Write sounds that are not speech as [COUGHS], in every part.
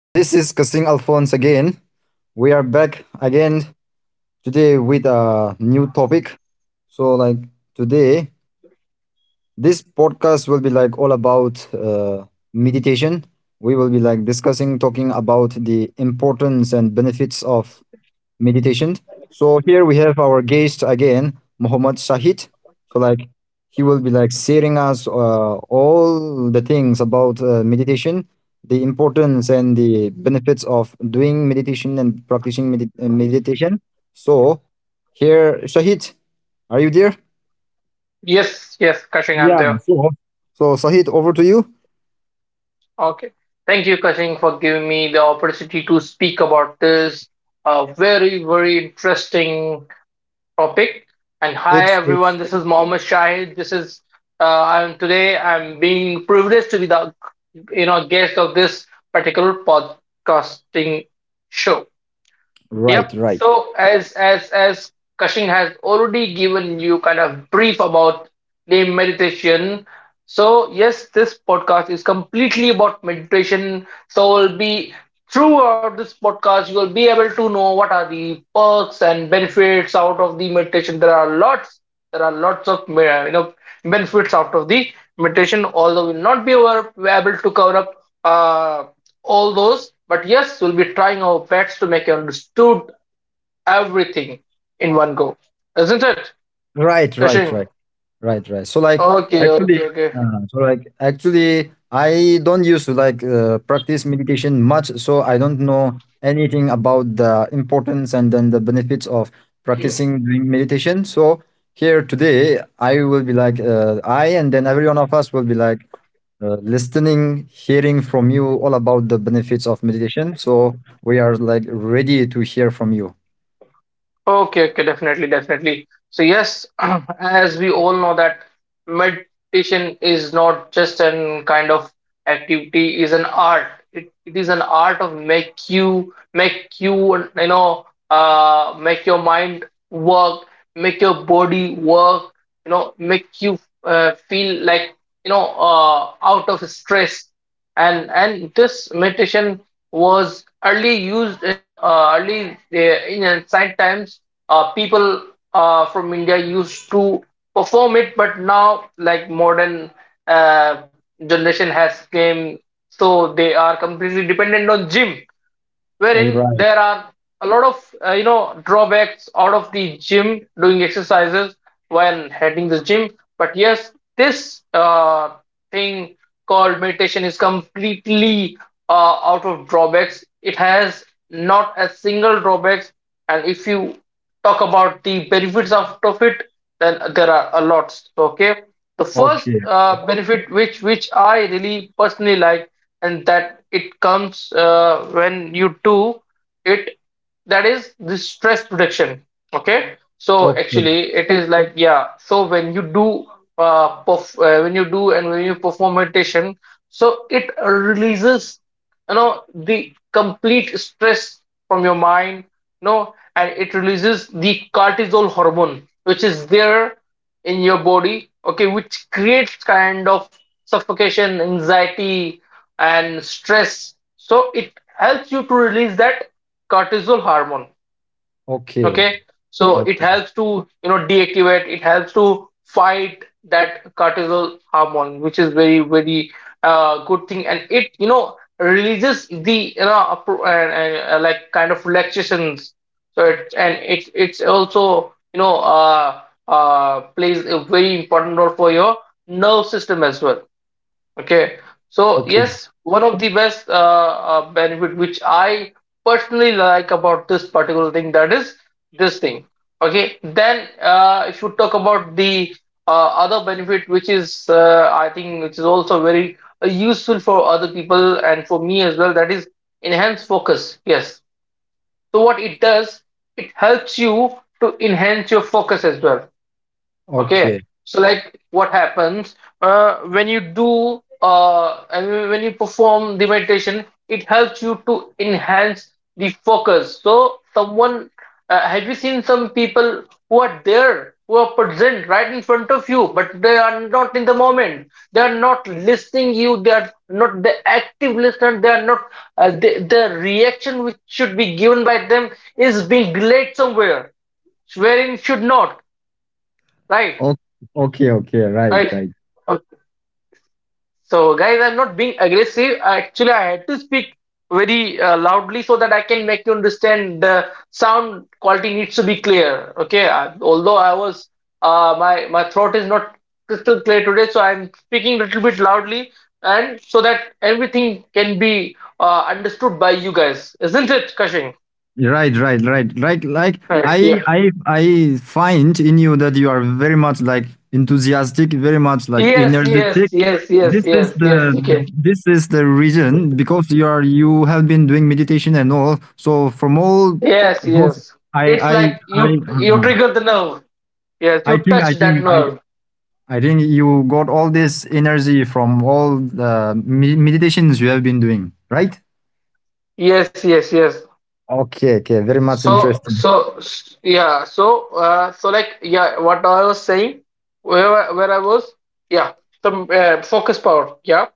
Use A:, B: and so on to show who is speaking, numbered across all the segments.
A: This is Kasing Alphonse again. We are back again today with a new topic. So, like today, this podcast will be like all about meditation. We will be like discussing, talking about the importance and benefits of meditations. So here we have our guest again, Muhammad Shahid. So like he will be like sharing us all the things about meditation, the importance and the benefits of doing meditation and practicing meditation. So here, Shahid, are you there?
B: Yes, yes, Kashing, I'm
A: Yeah.
B: there.
A: So Shahid, over to you.
B: Okay. Thank you, Kashing, for giving me the opportunity to speak about this very, very interesting topic. And hi,
A: It's
B: everyone.
A: it's
B: This is Mohammed Shahid. This is I'm today. I'm being privileged to be the guest of this particular podcasting show.
A: right,
B: Yep.
A: right,
B: So as Kashing has already given you kind of brief about the meditation. So yes, this podcast is completely about meditation. So will be throughout this podcast you will be able to know what are the perks and benefits out of the meditation. There are lots. There are lots of benefits out of the meditation. Although we'll not be able to cover up all those. But yes, we'll be trying our best to make you understood everything in one go, isn't it,
A: right, right,
B: Kashin?
A: right. Right, right.
B: Okay,
A: Actually,
B: okay, okay,
A: so like actually, I don't used to like practice meditation much, so I don't know anything about the importance and then the benefits of practicing doing meditation. So here today, I will be like I and then every one of us will be like listening, hearing from you all about the benefits of meditation. So we are like ready to hear from you.
B: okay. definitely, definitely. So yes, [CLEARS THROAT] as we all know that meditation is not just an kind of activity, is an art. It is an art of make you you know make your mind work, make your body work, you know, make you feel like out of stress and this meditation was early used early in ancient times, people from india used to perform it. But now like modern uh, generation has came, so they are completely dependent on gym,
A: All
B: wherein
A: right.
B: there are a lot of drawbacks out of the gym doing exercises when heading the gym. But yes, this thing called meditation is completely out of drawbacks. It has not a single drawbacks. And if you talk about the benefits out of it, then there are a lot. Okay, the first
A: Okay.
B: benefit which I really personally like, and that it comes when you do it, that is the stress reduction. Okay, so
A: Okay.
B: actually it is like yeah. So when you do when you perform meditation, so it releases the complete stress from your mind, no, and it releases the cortisol hormone, which is there in your body, okay, which creates kind of suffocation, anxiety, and stress. So it helps you to release that cortisol hormone.
A: Okay.
B: Okay, so it
A: Okay.
B: helps to deactivate. It helps to fight that cortisol hormone, which is very, very good thing. And it releases the like kind of relaxations. So it it's also plays a very important role for your nerve system as well. Okay, so
A: Okay.
B: yes, one of the best benefit which I personally like about this particular thing, that is this thing. Okay, then if you talk about the other benefit, which is I think which is also very useful for other people and for me as well, that is enhanced focus. Yes, so what it does, it helps you to enhance your focus as well. Okay,
A: Okay.
B: so like what happens when you do and when you perform the meditation, it helps you to enhance the focus. So, someone have you seen some people who are there, who are present right in front of you, but they are not in the moment. They are not listening you. They are not the active listener. They are not the reaction which should be given by them is being delayed somewhere, wherein it should not. Right.
A: O- okay, okay, right,
B: Right.
A: right,
B: Okay. So, guys, I'm not being aggressive. Actually, I had to speak very loudly so that I can make you understand the sound quality needs to be clear. Okay. Although I was, my throat is not crystal clear today, so I'm speaking a little bit loudly, and so that everything can be understood by you guys, isn't it, Kashing?
A: right, right, right, right, like,
B: Right.
A: i
B: Yeah.
A: i I find in you that you are very much like enthusiastic, very much like
B: Yes.
A: energetic.
B: Yes. Yes.
A: this
B: Yes.
A: is
B: Yes.
A: the
B: Yes. You can.
A: this is the reason because you have been doing meditation and all, so from all
B: Yes.
A: those.
B: Yes.
A: i
B: It's
A: i
B: like
A: i
B: you
A: uh,
B: trigger the nerve. Yes,
A: i
B: you
A: think
B: touch
A: i think
B: that
A: i
B: nerve.
A: I think you got all this energy from all the meditations you have been doing, right?
B: Yes, yes, yes.
A: Okay, okay, very much interesting.
B: Yeah. So, so like, yeah. What I was saying, where I was, yeah. The focus power, yeah.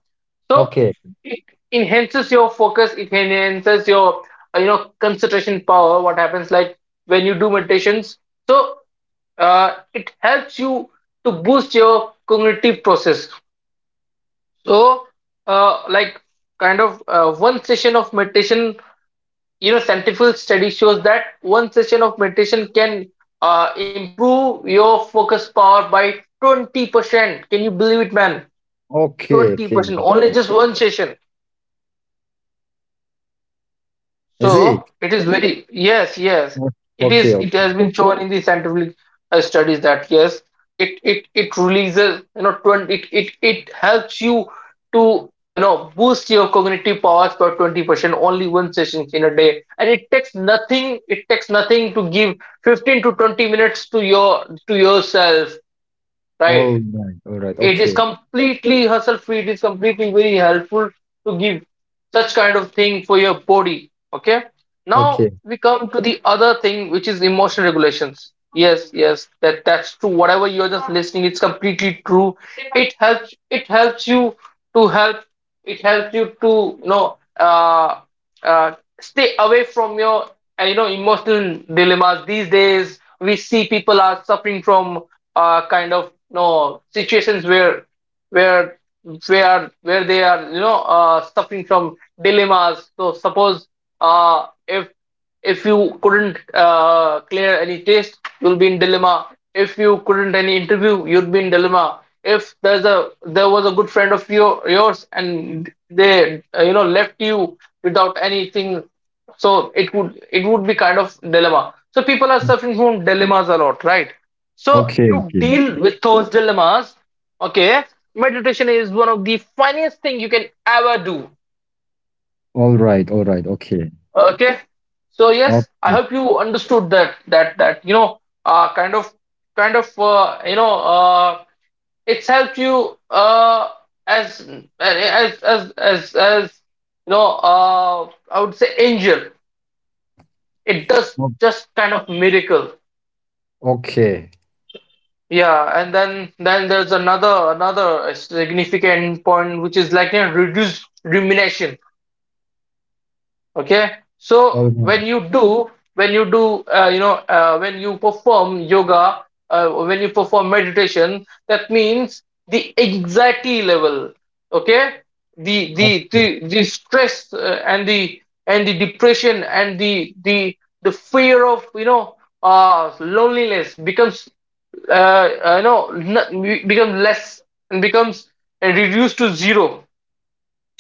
B: So
A: Okay.
B: it enhances your focus. It enhances your you know, concentration power. What happens like when you do meditations? So, it helps you to boost your cognitive process. So, uh, like one session of meditation, you know, scientific study shows that one session of meditation can improve your focus power by 20%. Can you believe it, man?
A: Okay, okay.
B: 20%, only just one session.
A: Is it?
B: So it is very, yes, yes.
A: O
B: It
A: okay,
B: is. It has
A: okay.
B: been shown in the scientific studies that yes, it releases you know 20, it helps you to boost your cognitive powers by 20%, only one session in a day, and it takes nothing. It takes nothing to give 15 to 20 minutes to yourself,
A: All
B: right?
A: right, all right.
B: It is
A: Okay,
B: completely hassle free. It is completely very helpful to give such kind of thing for your body. Okay, now
A: okay.
B: we come to the other thing, which is emotion regulations. Yes, yes, that's true, whatever you're just listening, it's completely true. It helps you to help it helps you to uh, stay away from your emotional dilemmas. These days we see people are suffering from kind of you know situations where where they are suffering from dilemmas. So suppose uh, if if you couldn't clear any test, you'll be in dilemma. If you couldn't any interview, you'd be in dilemma. If there was a good friend of yours and they left you without anything, so it would be kind of dilemma. So people are
A: O
B: suffering from dilemmas a lot, right? So
A: okay,
B: to
A: okay.
B: deal with those dilemmas, okay, meditation is one of the funniest thing you can ever do.
A: All right, all right. Okay.
B: Okay, so yes, I
A: Okay.
B: hope you understood that kind of kind of uh, you know uh it's helped you as as as as as you know, I would say angel. It does
A: O
B: just kind of miracle.
A: okay.
B: Yeah, and then there's another significant point, which is, like, you know, reduced rumination. Okay,
A: All
B: so
A: right.
B: when you do when you do when you perform yoga, when you perform meditation, that means the anxiety level, okay,
A: Okay,
B: the stress and the depression and the fear of you know loneliness becomes uh, uh you know becomes less and becomes reduced to zero,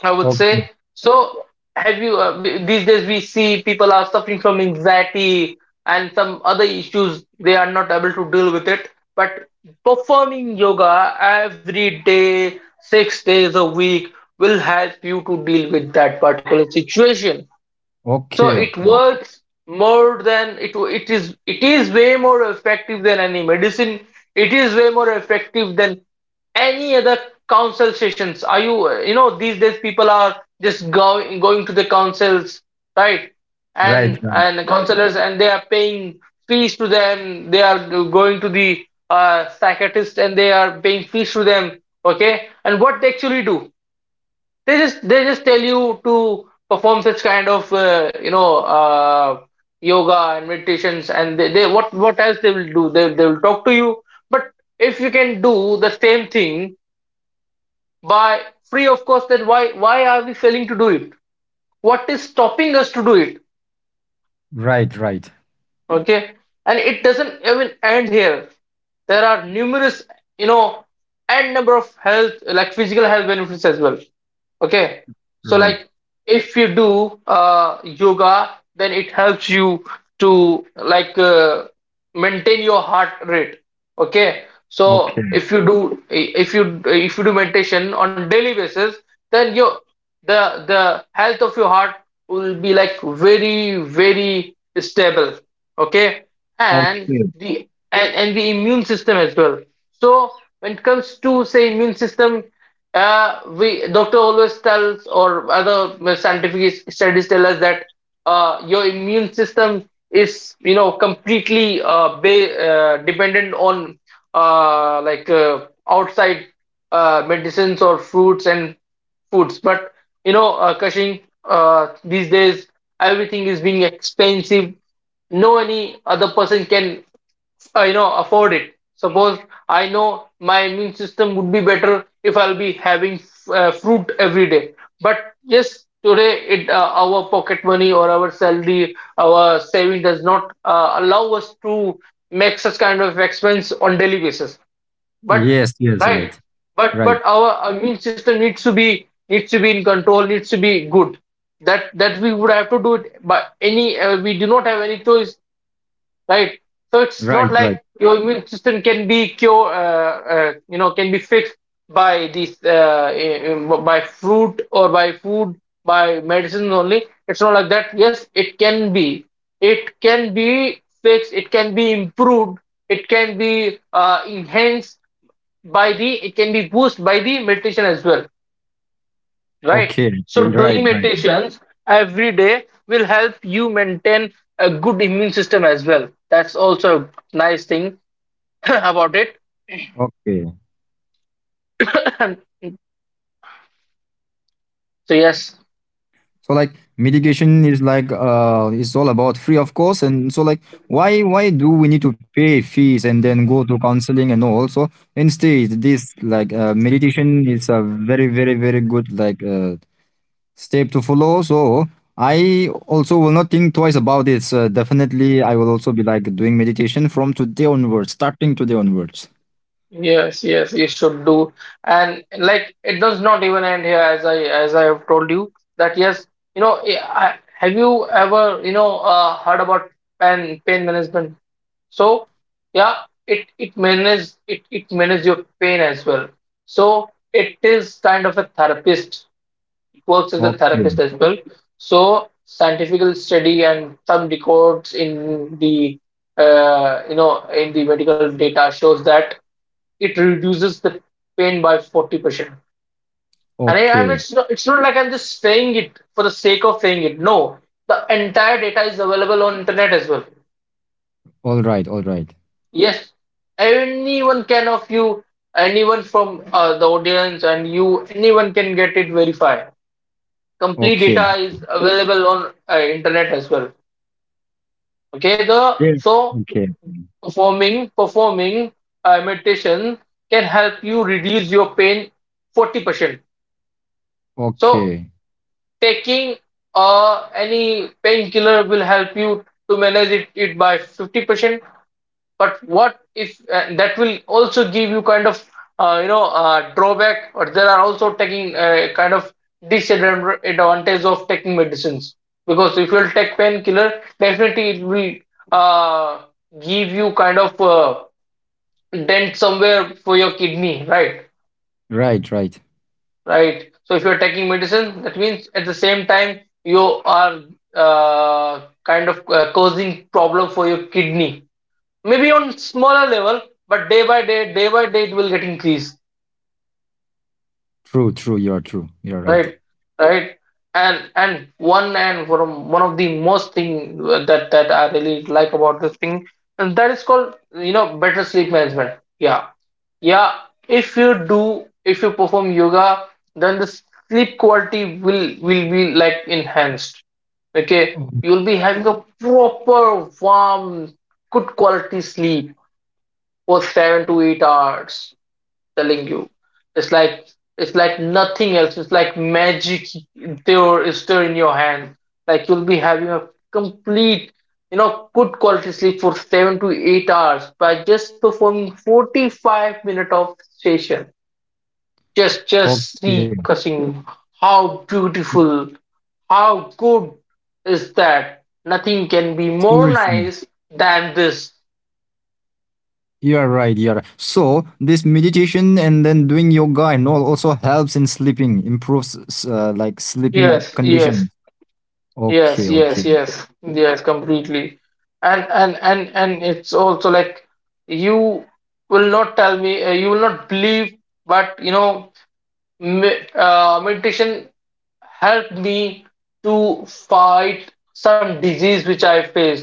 B: I would say.
A: okay.
B: So, have you these days we see people are suffering from anxiety and some other issues they are not able to deal with it. But performing yoga every day, 6 days a week, will help you to deal with that particular situation. So
A: Okay,
B: it
A: okay.
B: works more than it is way more effective than any medicine. It is way more effective than any other council sessions. Are you you know these days people are just going to the councils, right?
A: Right,
B: And
A: right.
B: counselors, and they are paying fees to them. They are going to the psychiatrist and they are paying fees to them. Okay, and what they actually do? They just tell you to perform such kind of yoga and meditations, and they what else they will do? They will talk to you. But if you can do the same thing by free of cost, then why are we failing to do it? What is stopping us to do it?
A: Right, right.
B: Okay, and it doesn't even end here. There are numerous you know n number of health, like, physical health benefits as well. Okay, so
A: Right.
B: like, if you do yoga, then it helps you to, like, maintain your heart rate. Okay. So
A: Okay.
B: if you do meditation on daily basis, then your the health of your heart will be, like, very very stable. Okay. And
A: Okay.
B: and the immune system as well. So when it comes to, say, immune system, we doctor always tells or other scientific studies tell us that your immune system is completely dependent on like, outside medicines or fruits and foods, but Kashin, these days everything is being expensive. No, any other person can afford it. Suppose I know my immune system would be better if I'll be having fruit every day, but yes, today it our pocket money or our salary, our saving does not allow us to make such kind of expense on daily basis. But
A: Yes, yes,
B: right,
A: right.
B: but
A: Right.
B: but our immune system needs to be in control, needs to be good. That we would have to do it, but any we do not have any choice, right? So it's not
A: Right,
B: like
A: right.
B: your immune system can be can be fixed by these by fruit or by food, by medicines only. It's not like that. Yes, it can be. It can be fixed. It can be improved. It can be enhanced by the. It can be boosted by the meditation as well, right?
A: Okay.
B: So,
A: Yeah,
B: doing
A: right, right, right.
B: meditations every day will help you maintain a good immune system as well. That's also a nice thing [LAUGHS] [COUGHS] about it.
A: Okay.
B: [COUGHS] So, yes,
A: So like mitigation is like it's all about free of course, and so like why do we need to pay fees and then go to counseling and all? So instead this like meditation is a very, very, very good like step to follow. So I also will not think twice about this. Definitely I will also be like doing meditation from today onwards, starting today onwards.
B: yes, yes, you should do. And, like, it does not even end here, as I have told you that, yes, you know, have you ever heard about pain management? So, yeah, it manages your pain as well. So it is kind of a therapist. It works as a
A: Okay,
B: therapist as well. So scientific study and some records in the you know in the medical data shows that it reduces the pain by 40%. And I, I'm
A: okay.
B: it's not like I'm just saying it for the sake of saying it. No, the entire data is available on internet as well.
A: All right, all right.
B: Yes, anyone can of you, anyone from the audience, and you, anyone can get it verified. Complete
A: Okay,
B: data
A: okay.
B: is available on internet as well. Okay,
A: Yeah.
B: the so
A: Okay,
B: performing meditation can help you reduce your pain 40%. So
A: okay.
B: taking any painkiller will help you to manage it by 50%. But what if, that will also give you kind of drawback, or there are also taking kind of disadvantage of taking medicines, because if you'll take painkiller, definitely it will uh, give you kind of dent somewhere for your kidney, right.
A: Right, right.
B: Right. So if you're taking medicine, that means at the same time you are kind of causing problem for your kidney, maybe on smaller level, but day by day, day by day, it will get increased.
A: True, true. You are true. You are right.
B: Right. Right. And one, and from one of the most thing that I really like about this thing, and that is called, you know, better sleep management. Yeah, yeah. if you do if you perform yoga, then the sleep quality will be, like, enhanced.
A: Oh,
B: Okay. You'll be having a proper, warm, good quality sleep for 7 to 8 hours, telling you. It's like it's like nothing else. It's like magic there is there in your hand. Like, you'll be having a complete, you know, good quality sleep for 7 to 8 hours by just performing 45 minute of session. Just
A: okay.
B: see cussing, how beautiful, how good is that. Nothing can be
A: Seriously.
B: more nice than this.
A: You are right. You are right. So this meditation and then doing yoga and all also helps in sleeping, improves like sleeping
B: Yes,
A: condition.
B: yes.
A: Okay,
B: Yes,
A: okay.
B: yes, yes, yes, completely. And it's also like you will not tell me, you will not believe, but you know, meditation helped me to fight some disease which I faced.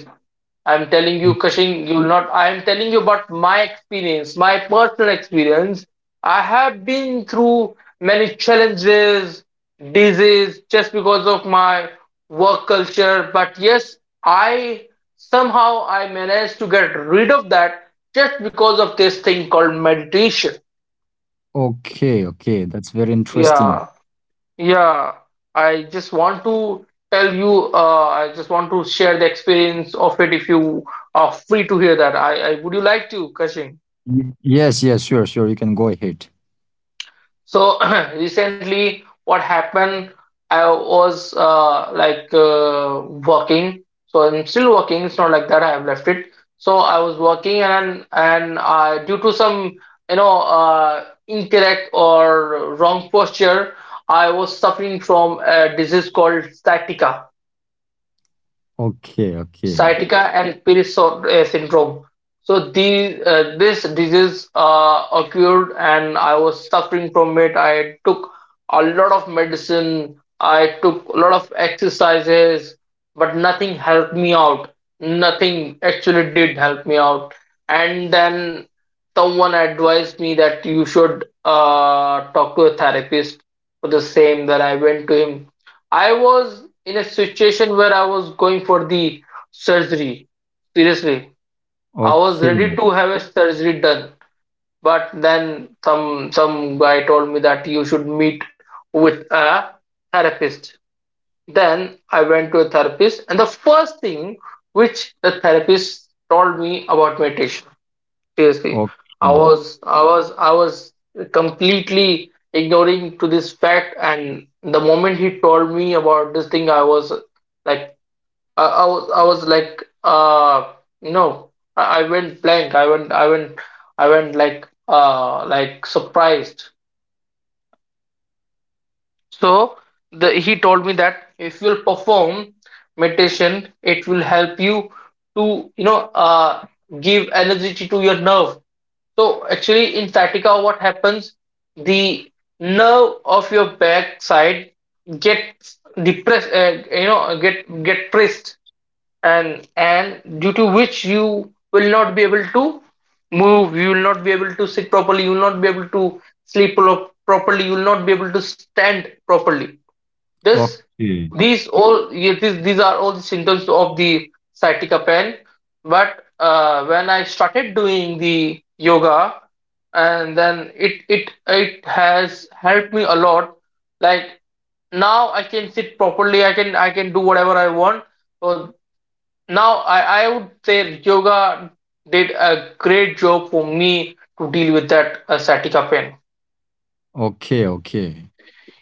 B: I'm telling
A: O-
B: you, Kashing, you'll not. I'm telling you about my experience, my personal experience. I have been through many challenges, disease, just because of my work culture. But yes, I somehow I managed to get rid of that just because of this thing called meditation.
A: Okay, okay. That's very interesting.
B: Yeah. Yeah, I just want to tell you, I just want to share the experience of it if you are free to hear that. I Would you like to, Kashin?
A: Yes, yes, sure, sure. You can go ahead.
B: So [CLEARS THROAT] recently, what happened? I was like, working, so I'm still working. It's not like that. I have left it. So I was working, and due to some incorrect or wrong posture, I was suffering from a disease called sciatica
A: Okay, okay.
B: sciatica and syndrome. So the this disease occurred, and I was suffering from it. I took a lot of medicine. I took a lot of exercises, but nothing helped me out. Nothing actually did help me out. And then someone advised me that you should talk to a therapist for the same. That I went to him. I was in a situation where I was going for the surgery. Seriously, I was
A: Okay,
B: ready to have a surgery done, but then some guy told me that you should meet with a therapist. Then I went to a therapist, and the first thing which the therapist told me about meditation. Seriously, I
A: okay,
B: was I was I was completely ignoring to this fact, and the moment he told me about this thing, I was like, I, I was I was like uh no, I went blank. I went like, like, surprised. So the he told me that if you'll perform meditation, it will help you to uh give energy to your nerve. So actually, in sciatica what happens, the nerve of your back side gets depressed, get pressed, and due to which you will not be able to move, you will not be able to sit properly, you will not be able to sleep properly, you will not be able to stand properly. This
A: okay,
B: these all Yeah, these are all the symptoms of the sciatica pain. But when I started doing the yoga, and then it has helped me a lot, like, now I can sit properly, I can do whatever I want. So now, I would say yoga did a great job for me to deal with that sciatica pain.
A: okay, okay.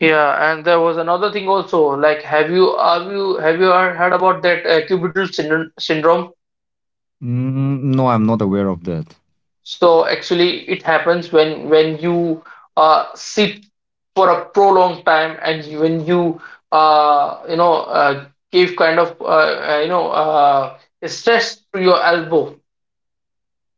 B: Yeah, and there was another thing also. Like, have you heard about that cubital syndrome? Syndrome.
A: Mm, no, I'm not aware of that.
B: So actually, it happens when you sit for a prolonged time, and when you you know give kind of uh, you know uh, stress to your elbow,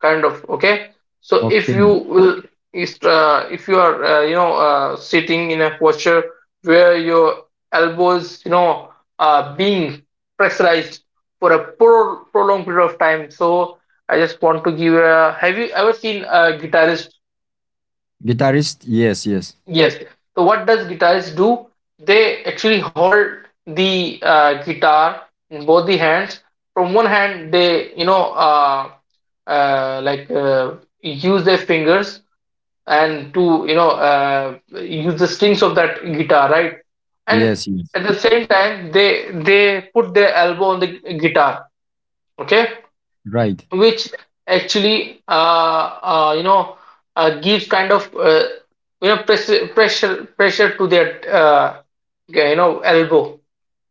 B: kind of. Okay. So
A: Okay.
B: if you are sitting in a posture where your elbows, you know, are being pressurized for a prolonged period of time. So I just want to give a— have you ever seen a guitarist?
A: Guitarist? Yes, yes.
B: Yes. So what does guitarists do? They actually hold the guitar in both the hands. From one hand, they, like, use their fingers, and to, use the strings of that guitar, right? And
A: Yes, yes.
B: at the same time, they put their elbow on the guitar. Okay,
A: Right.
B: which actually gives kind of pressure to their, yeah, you know, elbow.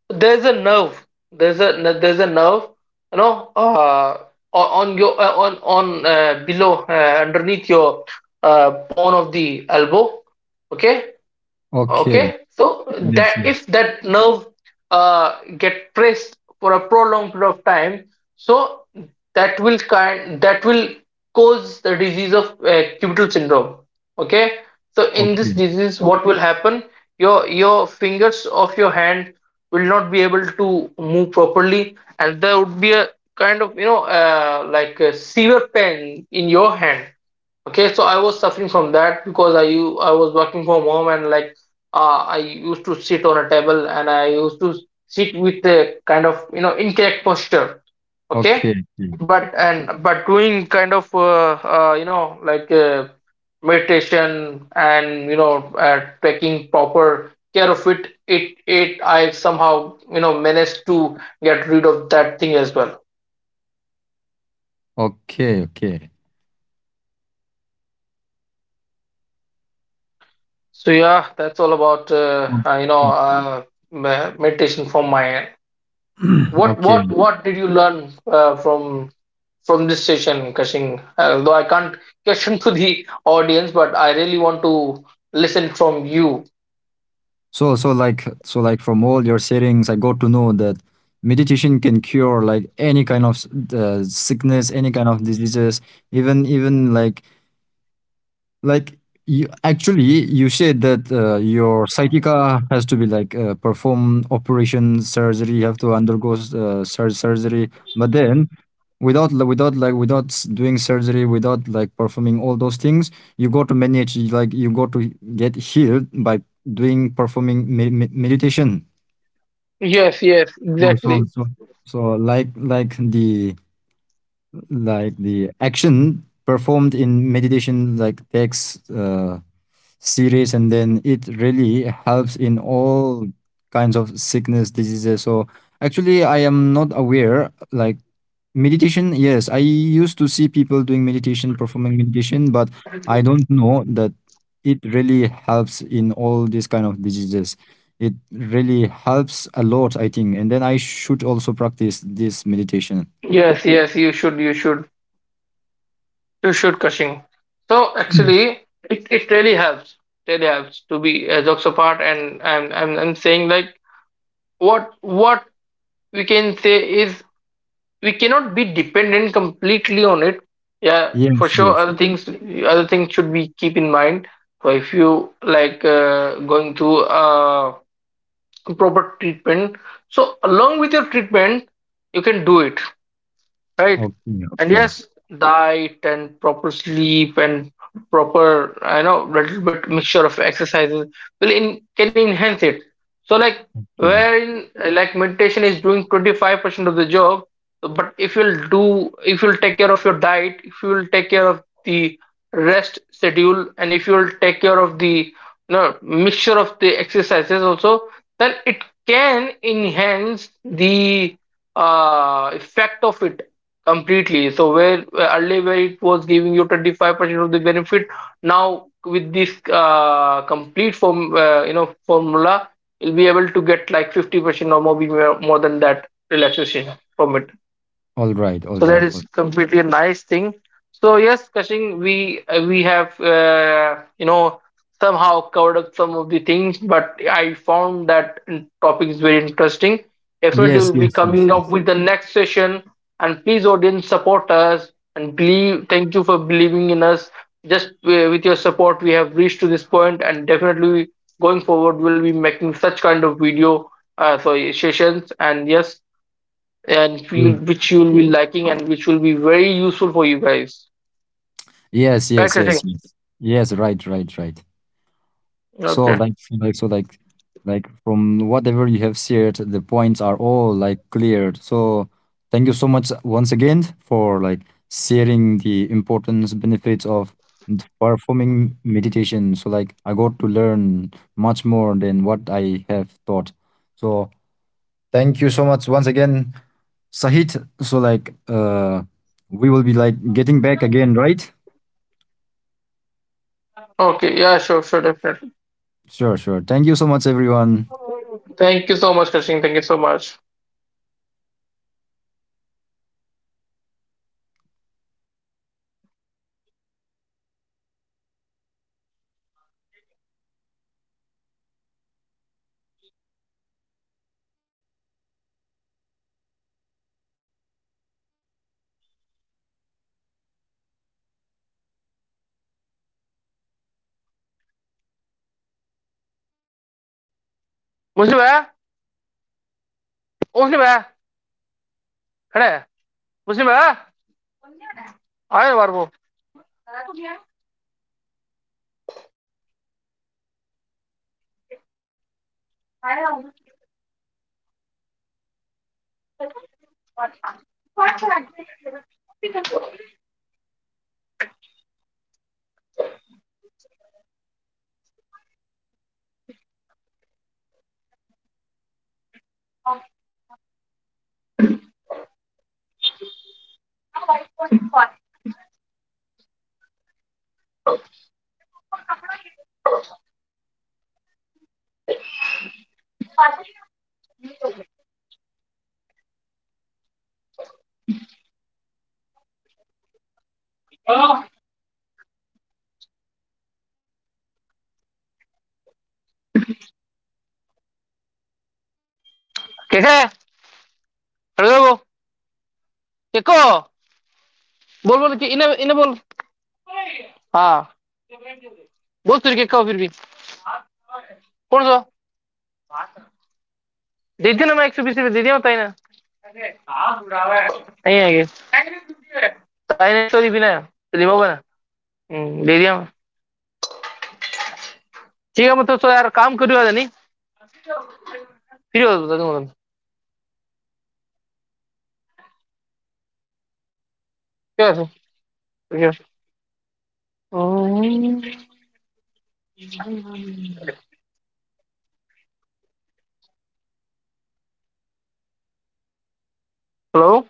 B: there's a nerve there's a nerve, you know, on your, on below, underneath your bone of the elbow. Okay.
A: Okay.
B: Okay. So
A: Yes,
B: that
A: yes.
B: if that nerve get pressed for a prolonged period of time, so that will cause the disease of cubital syndrome. Okay. So in
A: Okay,
B: this disease what will happen, your fingers of your hand will not be able to move properly, and there would be a kind of, like, a severe pain in your hand. Okay, so I was suffering from that because I was working from home, and, like, I used to sit on a table, and I used to sit with a kind of, you know, incorrect posture. Okay,
A: okay, okay,
B: but doing kind of like, meditation, and, taking proper care of it, I somehow, you know, managed to get rid of that thing as well.
A: okay, okay.
B: So yeah, that's all about
A: O- o-
B: meditation from my end. What what
A: Okay.
B: what did you learn, from this session, Kashing? Though I can't question to the audience, but I really want to listen from you.
A: So like from all your settings, I got to know that meditation can cure like any kind of sickness, any kind of diseases, even like like you actually you said that your psychica has to be like perform operation surgery. You have to undergo surgery, but then without like without s- doing surgery, without like performing all those things, you go to manage like you go to get healed by doing performing meditation.
B: Yes, yes,
A: So so
B: exactly.
A: so so, like the action performed in meditation like takes series, and then it really helps in all kinds of sickness diseases. So actually I am not aware like meditation, yes, I used to see people doing meditation performing meditation, but I don't know that it really helps in all these kind of diseases. It really helps a lot, I think, and then I should also practice this meditation.
B: Yes, yes, you should, you should, you should, Kashing. So actually, it really helps. Really helps to be, jokes apart, and I'm saying, like, what we can say is, we cannot be dependent completely on it. Yeah,
A: Yes,
B: for
A: yes.
B: sure, other things should be keep in mind. So, if you, like, going through, proper treatment, so along with your treatment you can do it, right?
A: Okay,
B: And
A: okay.
B: yes, diet and proper sleep and proper, I know, little bit mixture of exercises will in can enhance it. So, like,
A: Okay,
B: wherein, like, meditation is doing 25% of the job, but if you'll take care of your diet, if you'll take care of the rest schedule, and if you'll take care of the, you know, mixture of the exercises also, then it can enhance the, effect of it completely. So where, earlier where it was giving you 25% of the benefit, now with this, complete formula, you'll be able to get, like, 50% or maybe more than that relaxation from it.
A: all right, all
B: So
A: right,
B: that
A: all right.
B: is completely a nice thing. So yes, Kashing, we have, somehow covered up some of the things, but I found that topic is very interesting.
A: Yes,
B: Definitely, we'll be
A: yes, yes,
B: coming
A: yes.
B: up with the next session. And please, audience, support us and believe. Thank you for believing in us. Just, with your support, we have reached to this point, and definitely going forward, we'll be making such kind of video sorry sessions. And yes, and
A: Yes.
B: you'll, which you'll be liking, and which will be very useful for you guys.
A: Yes, yes,
B: Right,
A: yes,
B: Kashin?
A: yes. Yes, right, right, right. So
B: Okay.
A: like f- like so like like from whatever you have shared, the points are all like cleared. So thank you so much once again for like sharing the importance benefits of performing meditation. So like I got to learn much more than what I have thought. So thank you so much once again, Sahit. So like we will be like getting back again, right?
B: Okay. Yeah, sure, sure, definitely.
A: Sure, sure. Thank you so much, everyone.
B: Thank you so much, Kashin. Thank you so much. मुस्लिम है, ओ मुस्लिम है, खड़ा है मुस्लिम है, आए बार वो, कैसा है, खड़े हो वो, केको बोल, बोल कि इन्हें इन्हें बोल, हाँ बोल, तुझे केको फिर भी कौन सा दे दिया, ना मैं एक सौ बीस रुपये दे दिया मैं, ताई ने नहीं आएंगे, ताई ने नहीं, सॉरी बिना लिमा बना दे दिया मैं। ठीक है मैं, तो, तो यार काम करूँ यार, नहीं फिर हो जाता हूँ, क्या है सर? 哦，Hello，